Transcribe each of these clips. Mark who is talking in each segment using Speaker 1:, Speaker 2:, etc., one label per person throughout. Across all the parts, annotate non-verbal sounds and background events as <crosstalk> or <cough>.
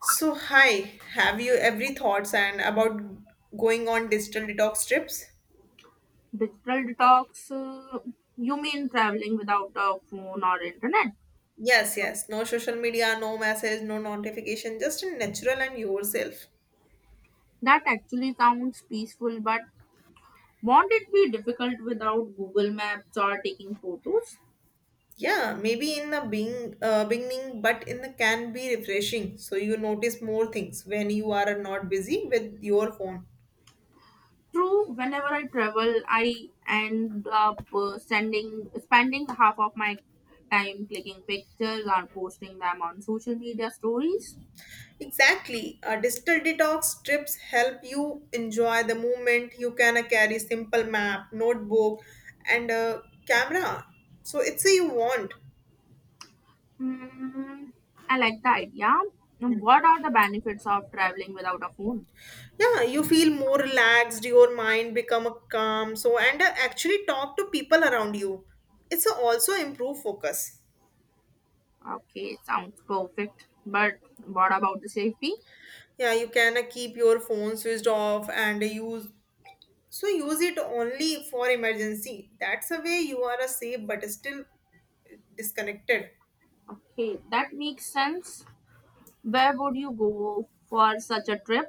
Speaker 1: So, hi, have you every thoughts and about going on digital detox trips?
Speaker 2: Digital detox, you mean traveling without a phone or internet?
Speaker 1: Yes, yes, no social media, no message, no notification, just in natural and yourself.
Speaker 2: That actually sounds peaceful, but won't it be difficult without Google Maps or taking photos?
Speaker 1: Yeah, maybe in the being beginning, but in the can be refreshing. So you notice more things when you are not busy with your phone.
Speaker 2: True, whenever I travel, I end up spending half of my time clicking pictures or posting them on social media stories.
Speaker 1: Exactly. Digital detox trips help you enjoy the moment. You can carry simple map, notebook, and a camera. So it's a you want.
Speaker 2: Mm, I like the idea. What are the benefits of traveling without a phone?
Speaker 1: Yeah, you feel more relaxed, your mind become a calm, so and actually talk to people around you, it's a also improve focus.
Speaker 2: Okay, sounds perfect. But what about the safety?
Speaker 1: Yeah, you can keep your phone switched off and use, so use it only for emergency, that's a way you are a safe but still disconnected.
Speaker 2: Okay, that makes sense. Where would you go for such a trip?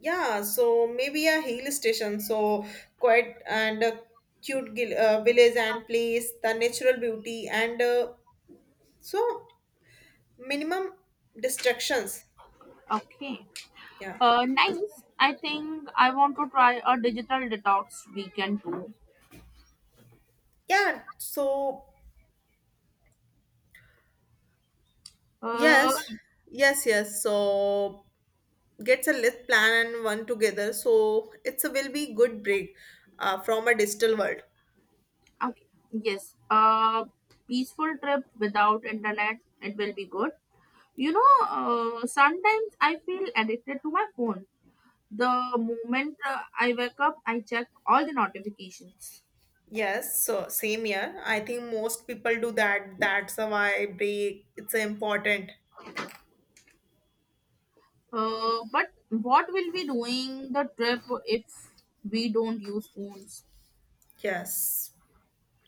Speaker 1: Yeah, so maybe a hill station, so quiet and a cute village and place the natural beauty and so minimum distractions.
Speaker 2: Okay.
Speaker 1: Yeah.
Speaker 2: Nice. I think I want to try a digital detox weekend too.
Speaker 1: Yeah, so
Speaker 2: Uh,
Speaker 1: yes, yes, yes. So gets a list plan and one together. So it's a will be good break from a digital world.
Speaker 2: okay. Yes. Peaceful trip without internet. It will be good. Sometimes I feel addicted to my phone. The moment I wake up, I check all the notifications.
Speaker 1: Yes, so same here. I think most people do that. That's why break. It's important.
Speaker 2: But what will we doing the trip if we don't use phones?
Speaker 1: Yes.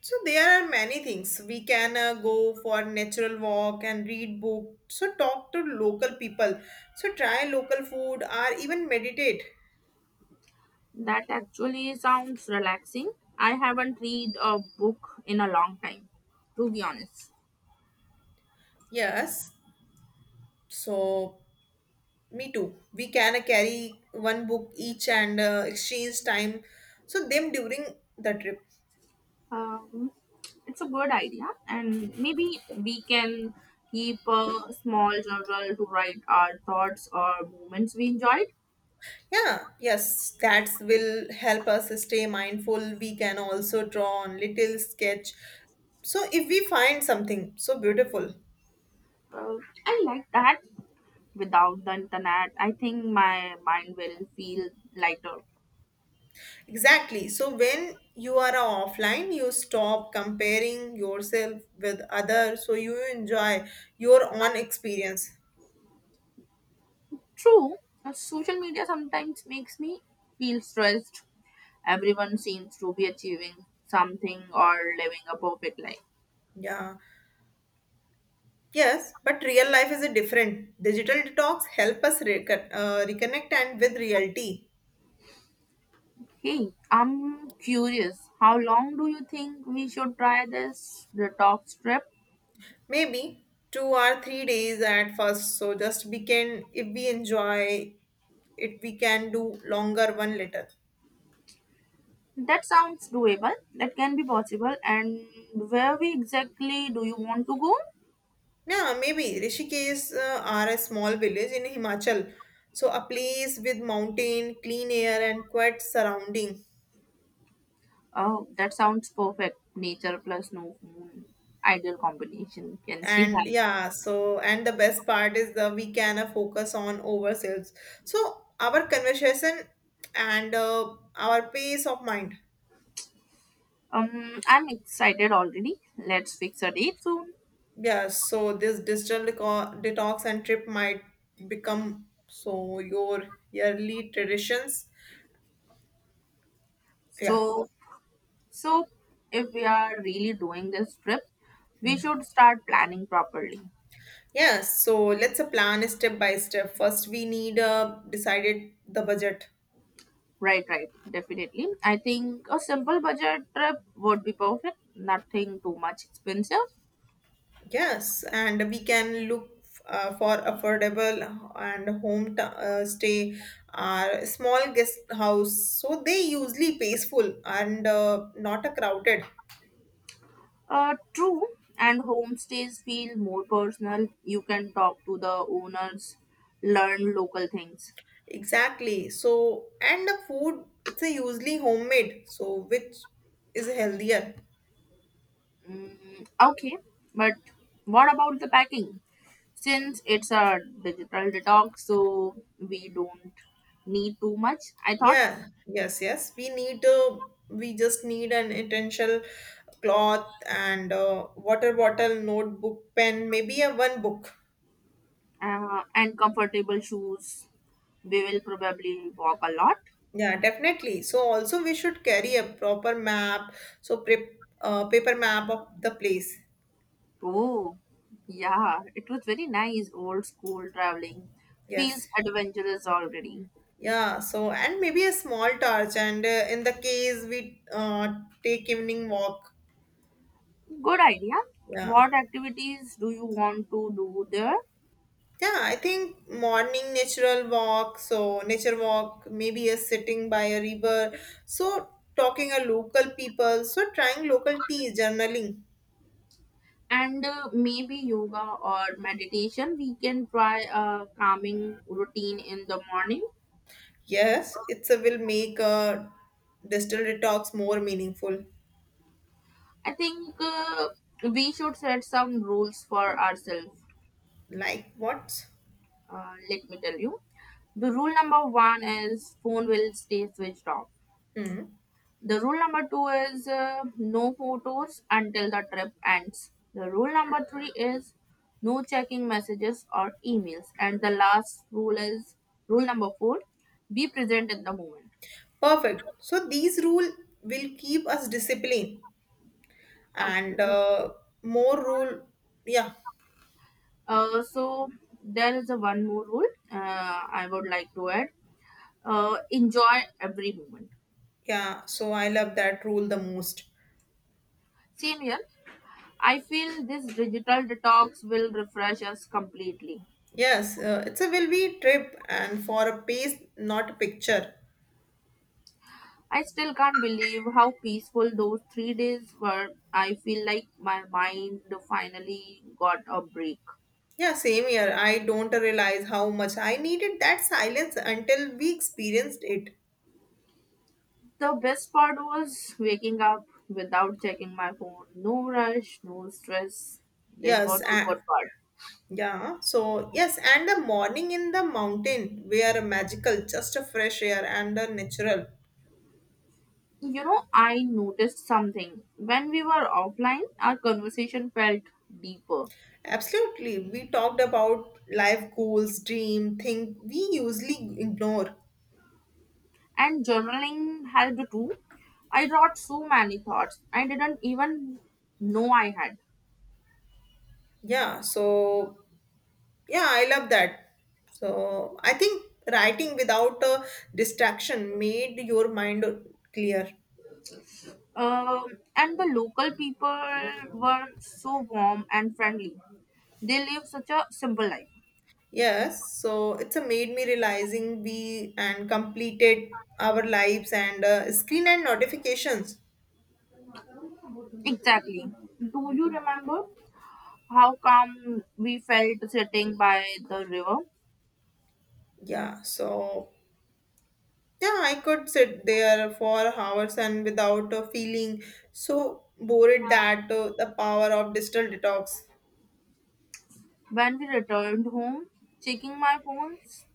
Speaker 1: So there are many things we can, go for natural walk and read book. So talk to local people. So try local food or even meditate.
Speaker 2: That actually sounds relaxing. I haven't read a book in a long time, to be honest.
Speaker 1: Yes. So me too. We can carry one book each and exchange time. So them during the trip.
Speaker 2: Um, it's a good idea, and maybe we can keep a small journal to write our thoughts or moments we enjoyed.
Speaker 1: Yeah, yes, that will help us stay mindful. We can also draw on little sketch. So if we find something so beautiful.
Speaker 2: Uh, I like that. Without the internet, I think my mind will feel lighter.
Speaker 1: Exactly. So when you are offline, you stop comparing yourself with others. So you enjoy your own experience.
Speaker 2: True, social media sometimes makes me feel stressed. Everyone seems to be achieving something or living a perfect life.
Speaker 1: Yeah. Yes, but real life is a different. Digital detox help us reconnect and with reality.
Speaker 2: Hey, I'm curious. How long do you think we should try this detox trip?
Speaker 1: Maybe 2 or 3 days at first. So just we can, if we enjoy it, we can do longer one later.
Speaker 2: That sounds doable. That can be possible. And where we exactly do you want to go?
Speaker 1: Yeah, maybe Rishikesh are a small village in Himachal. So a place with mountain, clean air and quiet surrounding.
Speaker 2: Oh, that sounds perfect. Nature plus no moon. Ideal combination. Can see
Speaker 1: And
Speaker 2: that.
Speaker 1: yeah, so and the best part is that we can focus on ourselves, so our conversation and our peace of mind.
Speaker 2: I'm excited already. Let's fix a date soon.
Speaker 1: Yeah, so this digital detox and trip might become so your yearly traditions. Yeah.
Speaker 2: So, so if we are really doing this trip, we
Speaker 1: Hmm.
Speaker 2: should start planning properly.
Speaker 1: Yeah, so let's plan step by step, first we need decided the budget.
Speaker 2: Right, right, definitely. I think a simple budget trip would be perfect. Nothing too much expensive.
Speaker 1: Yes, and we can look for affordable and stay or small guest house. So they usually peaceful and not a crowded.
Speaker 2: True. And homestays feel more personal. You can talk to the owners, learn local things.
Speaker 1: Exactly. So and the food it's a usually homemade. So which is healthier.
Speaker 2: Mm, okay, but what about the packing? Since it's a digital detox, so we don't need too much. I thought
Speaker 1: Yeah. Yes. Yes. We need we just need an essential cloth and water bottle, notebook, pen, maybe a one book.
Speaker 2: And comfortable shoes. We will probably walk a lot.
Speaker 1: Yeah, definitely. So also we should carry a proper map, so prep paper map of the place.
Speaker 2: Oh, yeah, it was very nice old school traveling.
Speaker 1: Yes.
Speaker 2: Feels adventurous already.
Speaker 1: Yeah, so and maybe a small torch and in the case we take evening walk.
Speaker 2: Good idea.
Speaker 1: Yeah.
Speaker 2: What activities do you want to do there?
Speaker 1: Yeah, I think morning natural walk, so nature walk, maybe a sitting by a river. So talking a local people, so trying local tea, journaling.
Speaker 2: And maybe yoga or meditation. We can try a calming routine in the morning.
Speaker 1: Yes, it's a will make a distilled detox more meaningful.
Speaker 2: I think we should set some rules for ourselves.
Speaker 1: Like what?
Speaker 2: Let me tell you. The rule number one is phone will stay switched off.
Speaker 1: Hmm.
Speaker 2: The rule number two is no photos until the trip ends. The rule number three is no checking messages or emails. And the last rule is rule number four be present in the moment.
Speaker 1: Perfect. So these rule will keep us disciplined and
Speaker 2: Okay.
Speaker 1: more rule. Yeah,
Speaker 2: So there is a one more rule I would like to add. Enjoy every moment.
Speaker 1: yeah. So I love that rule the most.
Speaker 2: Same here. I feel this digital detox will refresh us completely.
Speaker 1: Yes, it's a will be trip and for a pace, not a picture.
Speaker 2: I still can't believe how peaceful those 3 days were. I feel like my mind finally got a break.
Speaker 1: Yeah, same here. I don't realize how much I needed that silence until we experienced it.
Speaker 2: The best part was waking up without checking my phone. No rush, no stress. This
Speaker 1: Yes,
Speaker 2: was the
Speaker 1: and
Speaker 2: good part.
Speaker 1: yeah. So yes, and the morning in the mountain, we are magical, just a fresh air and a natural.
Speaker 2: You know, I noticed something. When we were offline, our conversation felt deeper.
Speaker 1: Absolutely. We talked about life goals, dream, thing we usually ignore.
Speaker 2: And journaling helped too. I wrote so many thoughts I didn't even know I had.
Speaker 1: Yeah, so yeah, I love that. So I think writing without a distraction made your mind clear.
Speaker 2: And the local people were so warm and friendly. They live such a simple life.
Speaker 1: Yes, so it's a made me realizing we and completed our lives and screen and notifications.
Speaker 2: Exactly. Do you remember how calm we felt sitting by the river?
Speaker 1: Yeah, so yeah, I could sit there for hours and without feeling so bored that the power of digital detox.
Speaker 2: When we returned home, checking my phones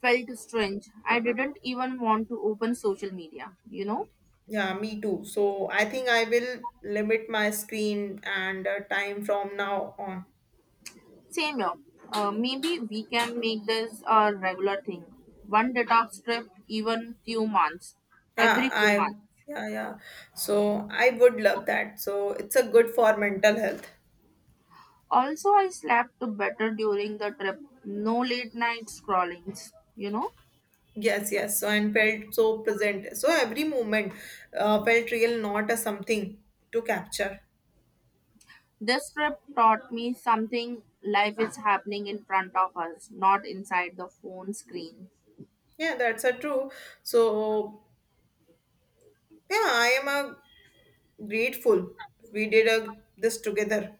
Speaker 2: felt strange. I didn't even want to open social media, you know?
Speaker 1: Yeah, me too. So I think I will limit my screen and time from now on.
Speaker 2: Same here. Maybe we can make this a regular thing. One detox trip, even few months,
Speaker 1: Yeah,
Speaker 2: every few
Speaker 1: I
Speaker 2: months.
Speaker 1: yeah, yeah. So I would love that. So it's a good for mental health.
Speaker 2: Also, I slept better during the trip. No late night scrollings, you know.
Speaker 1: Yes, yes. So and felt so present. So every moment felt real, not a something to capture.
Speaker 2: This trip taught me something life is happening in front of us, not inside the phone screen.
Speaker 1: Yeah, that's a true. So yeah, I am grateful. We did this together.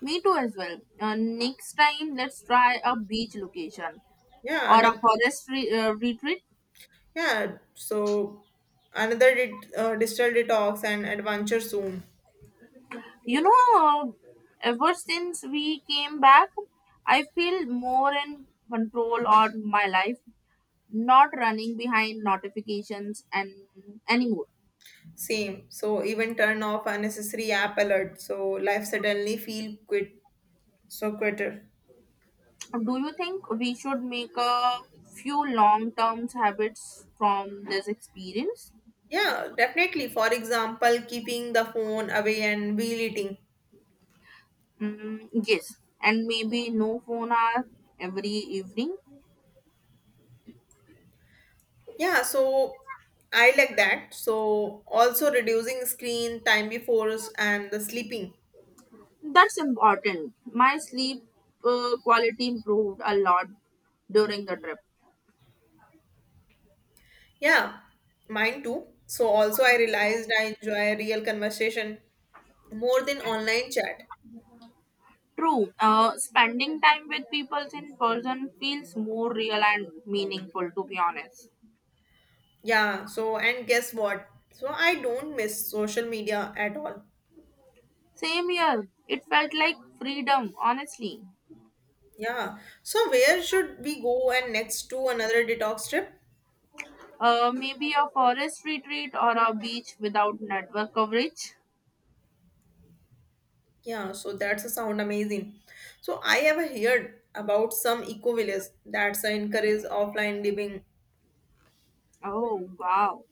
Speaker 2: Me too, as well. Next time, let's try a beach location
Speaker 1: Yeah,
Speaker 2: or a
Speaker 1: another.
Speaker 2: retreat.
Speaker 1: Yeah, so another digital detox and adventure soon.
Speaker 2: You know, ever since we came back, I feel more in control of my life, not running behind notifications and anymore.
Speaker 1: Same. So even turn off unnecessary app alert. So life suddenly feel quit. So quitter.
Speaker 2: Do you think we should make a few long term habits from this experience?
Speaker 1: Yeah, definitely. For example, keeping the phone away and wheel eating.
Speaker 2: Mm, yes, and maybe no phone hour every evening.
Speaker 1: Yeah, so I like that. So also reducing screen time before and the sleeping.
Speaker 2: That's important. My sleep quality improved a lot during the trip.
Speaker 1: Yeah, mine too. So also I realized I enjoy real conversation more than online chat.
Speaker 2: True. Spending time with people in person feels more real and meaningful, to be honest.
Speaker 1: Yeah, so and guess what? So I don't miss social media at all.
Speaker 2: Same here. It felt like freedom, honestly.
Speaker 1: Yeah. So where should we go and next to another detox trip?
Speaker 2: Maybe a forest retreat or a beach without network coverage.
Speaker 1: Yeah, so that's a sound amazing. So I have heard about some eco village that's a encourage offline living.
Speaker 2: Oh, wow.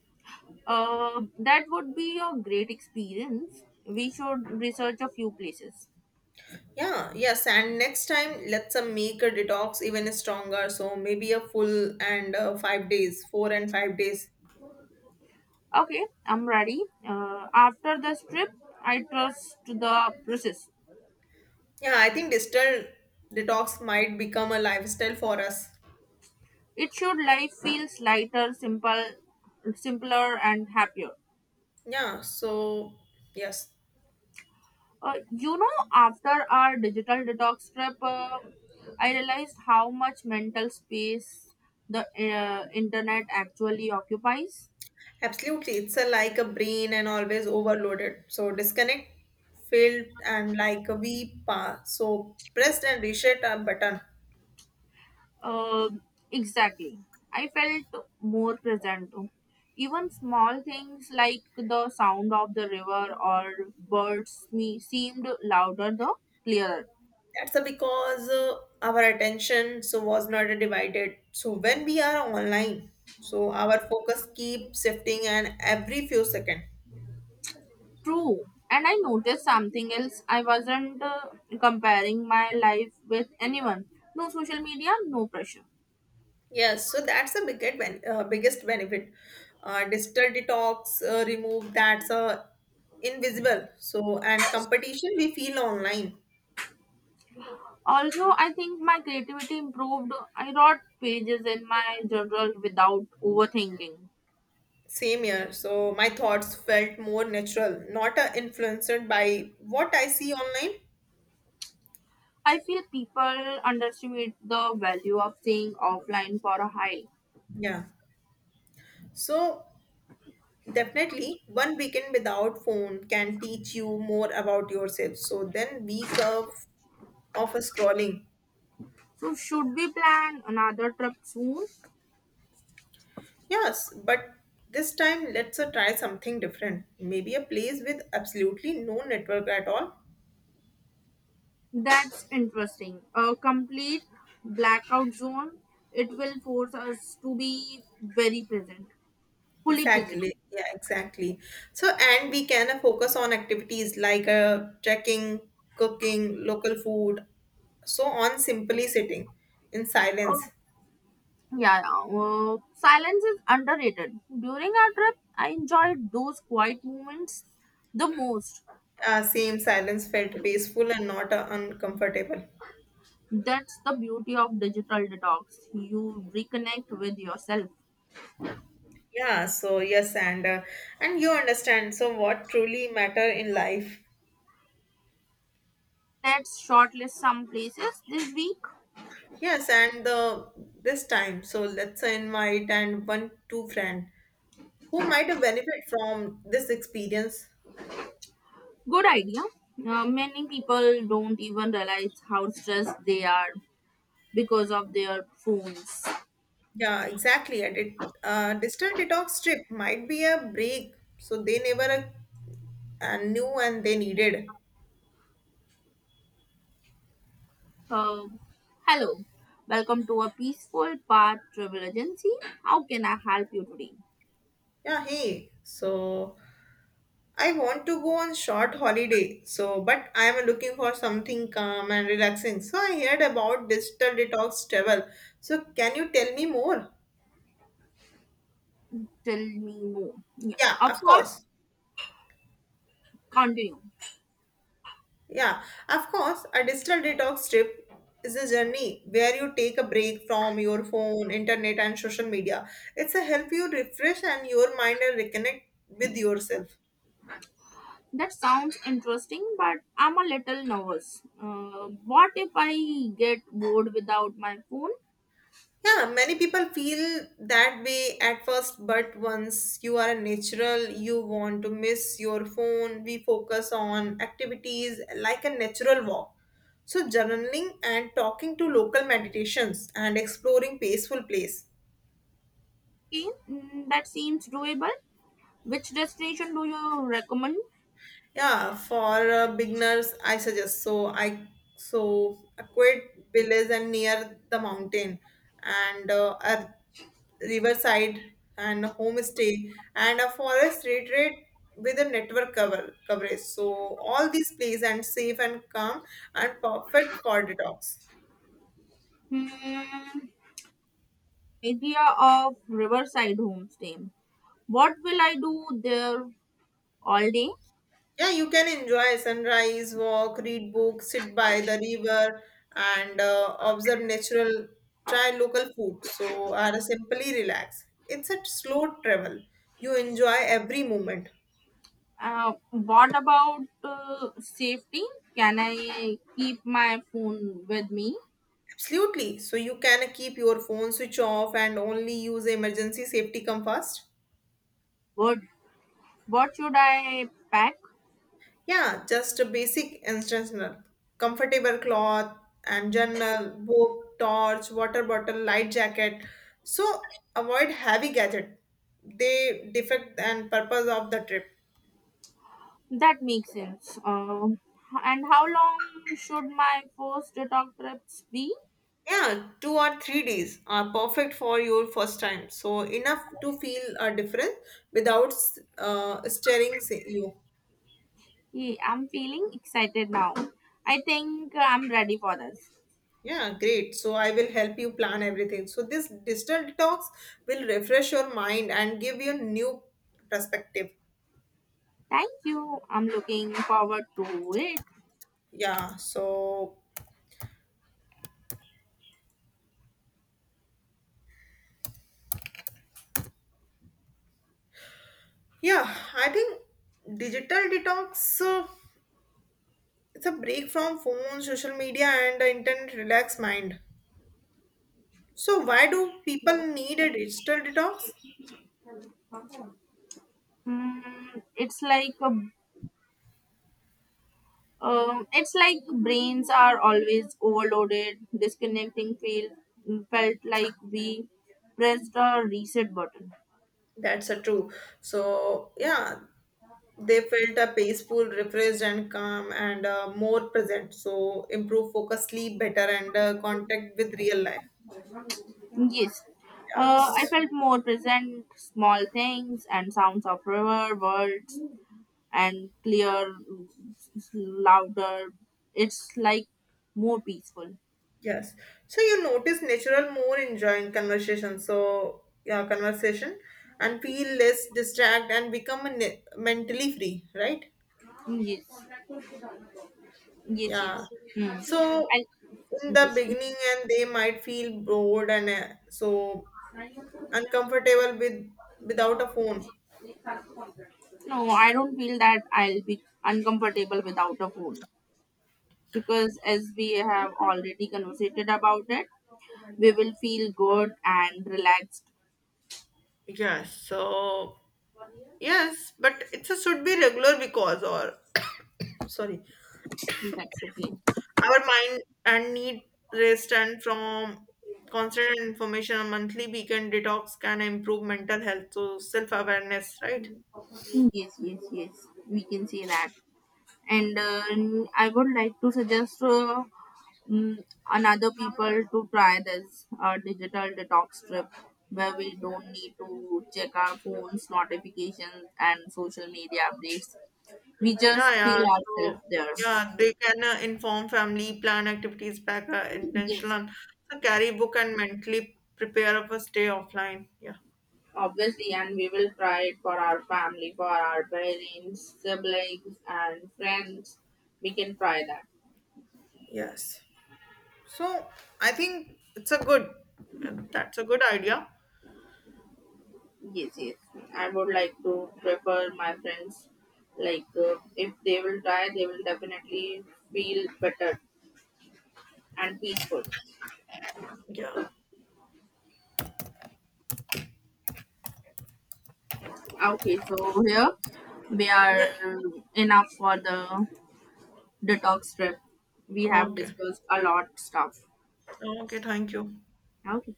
Speaker 2: That would be a great experience. We should research a few places.
Speaker 1: Yeah, yes, and next time let's make a detox even stronger. So maybe a full and 5 days, 4 and 5 days.
Speaker 2: Okay, I'm ready. After this trip, I trust the process.
Speaker 1: Yeah, I think digital detox might become a lifestyle for us.
Speaker 2: It should life feels lighter, simple, simpler, and happier.
Speaker 1: Yeah, so yes,
Speaker 2: After our digital detox trip, I realized how much mental space the internet actually occupies.
Speaker 1: absolutely. It's a, like a brain and always overloaded. So disconnect, filled, and like a we pa. So press and reset a button.
Speaker 2: Uh, exactly. I felt more present. Even small things like the sound of the river or birds me seemed louder the clearer.
Speaker 1: That's a because our attention so was not divided. So when we are online, so our focus keep shifting and every few second.
Speaker 2: True. And I noticed something else. I wasn't comparing my life with anyone. No social media, no pressure.
Speaker 1: Yes, so that's the biggest benefit. Digital detox remove that's invisible. So and competition we feel online.
Speaker 2: Although I think my creativity improved, I wrote pages in my journal without overthinking.
Speaker 1: Same here. So my thoughts felt more natural, not influenced by what I see online.
Speaker 2: I feel people underestimate the value of staying offline for a high.
Speaker 1: Yeah. So definitely, one weekend without phone can teach you more about yourself. So then week of a scrolling.
Speaker 2: So, should we plan another trip soon?
Speaker 1: Yes, but this time let's try something different. Maybe a place with absolutely no network at all.
Speaker 2: That's interesting. A complete blackout zone. It will force us to be very present. Fully present.
Speaker 1: Exactly. Yeah, exactly. So and we can focus on activities like trekking, cooking, local food, so on simply sitting in silence.
Speaker 2: Oh, yeah, yeah. Silence is underrated. During our trip, I enjoyed those quiet moments the most.
Speaker 1: Same, silence felt peaceful and not uncomfortable.
Speaker 2: That's the beauty of digital detox. You reconnect with yourself.
Speaker 1: Yeah, so yes, and you understand. So what truly matter in life?
Speaker 2: Let's shortlist some places this week.
Speaker 1: Yes, and the this time. So let's invite and 1 2 friend who might have benefit from this experience.
Speaker 2: Good idea. Many people don't even realize how stressed they are because of their phones.
Speaker 1: Yeah, exactly. And it digital detox trip might be a break. So they never knew and they needed.
Speaker 2: Uh, Hello, welcome to a peaceful path travel agency. How can I help you today?
Speaker 1: Yeah, hey. So I want to go on short holiday, so but I am looking for something calm and relaxing. So I heard about digital detox travel. So can you tell me more?
Speaker 2: Tell me more. Yeah.
Speaker 1: Yeah,
Speaker 2: Of
Speaker 1: of
Speaker 2: course,
Speaker 1: course.
Speaker 2: continue.
Speaker 1: Yeah, of course. A digital detox trip is a journey where you take a break from your phone, internet, and social media. It's a help you refresh and your mind and reconnect with yourself.
Speaker 2: That sounds interesting, but I'm a little nervous. What if I get bored without my phone?
Speaker 1: Yeah, many people feel that way at first, but once you are a natural, you want to miss your phone. We focus on activities like a natural walk. So, journaling and talking to local meditations and exploring peaceful place.
Speaker 2: Okay, mm, that seems doable. Which destination do you recommend?
Speaker 1: Yeah, for beginners, I suggest so a quiet village and near the mountain and a riverside and a homestay and a forest retreat with a network coverage. So all these places and safe and calm and perfect for detox.
Speaker 2: Hmm, idea of Riverside Homestay. What will I do there all day?
Speaker 1: Yeah, you can enjoy sunrise, walk, read books, sit by the river, and observe natural. Try local food, so are simply relax. It's a slow travel. You enjoy every moment.
Speaker 2: What about safety? Can I keep my phone with me?
Speaker 1: Absolutely. So you can keep your phone switch off and only use emergency, safety come first.
Speaker 2: Good. What should I pack?
Speaker 1: Yeah, just a basic instructional. Comfortable cloth and journal, book, torch, water bottle, light jacket. So avoid heavy gadget. They defect and purpose of the trip.
Speaker 2: That makes sense. And how long should my first detox trips be?
Speaker 1: Yeah, 2 or 3 days are perfect for your first time. So enough to feel a difference without stirring you.
Speaker 2: Yeah, I'm feeling excited now. I think I'm ready for this.
Speaker 1: Yeah, great. So I will help you plan everything. So this digital detox will refresh your mind and give you a new perspective.
Speaker 2: Thank you. I'm looking forward to it.
Speaker 1: Yeah, so yeah, I think digital detox it's a break from phone, social media, and the internet relax mind. So why do people need a digital detox?
Speaker 2: Mm, it's like a, it's like brains are always overloaded. Disconnecting feel felt like we pressed a reset button.
Speaker 1: That's a true. So yeah, they felt a peaceful, refreshed, and calm, and more present. So improve focus, sleep better, and contact with real life.
Speaker 2: Yes. I
Speaker 1: Yes.
Speaker 2: felt more present, small things and sounds of river, birds, and clear, louder. It's like more peaceful.
Speaker 1: Yes. So you notice natural more enjoying conversation. So yeah, conversation and feel less distract and become a mentally free, right?
Speaker 2: Yes, yes, yes.
Speaker 1: Yeah.
Speaker 2: Hmm.
Speaker 1: So
Speaker 2: I,
Speaker 1: in the
Speaker 2: yes, yes.
Speaker 1: beginning, and they might feel bored and so uncomfortable with without a phone.
Speaker 2: No, I don't feel that I'll be uncomfortable without a phone because as we have already conversated about it, we will feel good and relaxed.
Speaker 1: Yes. So yes, but it should be regular because or <coughs> sorry.
Speaker 2: That's okay.
Speaker 1: Our mind and need rest and from constant information, a monthly weekend detox can improve mental health. So self awareness, right?
Speaker 2: Yes, yes, yes. We can say that. And I would like to suggest mm, another people to try this digital detox trip where we don't need to check our phones, notifications, and social media updates. We just
Speaker 1: Yeah, yeah.
Speaker 2: feel ourselves
Speaker 1: So
Speaker 2: there.
Speaker 1: yeah, they can inform family, plan activities, pack
Speaker 2: Yes,
Speaker 1: intentional. So carry book and mentally prepare of a stay offline. Yeah.
Speaker 2: obviously, and we will try it for our family, for our parents, siblings, and friends. We can try that.
Speaker 1: Yes. So I think it's a good. That's a good idea.
Speaker 2: Yes, yes. I would like to prefer my friends. Like, if they will try, they will definitely feel better and peaceful.
Speaker 1: Yeah.
Speaker 2: Okay, so here we are
Speaker 1: Yeah.
Speaker 2: enough for the detox trip. We have
Speaker 1: Okay.
Speaker 2: discussed a lot stuff.
Speaker 1: Okay. Thank you.
Speaker 2: Okay.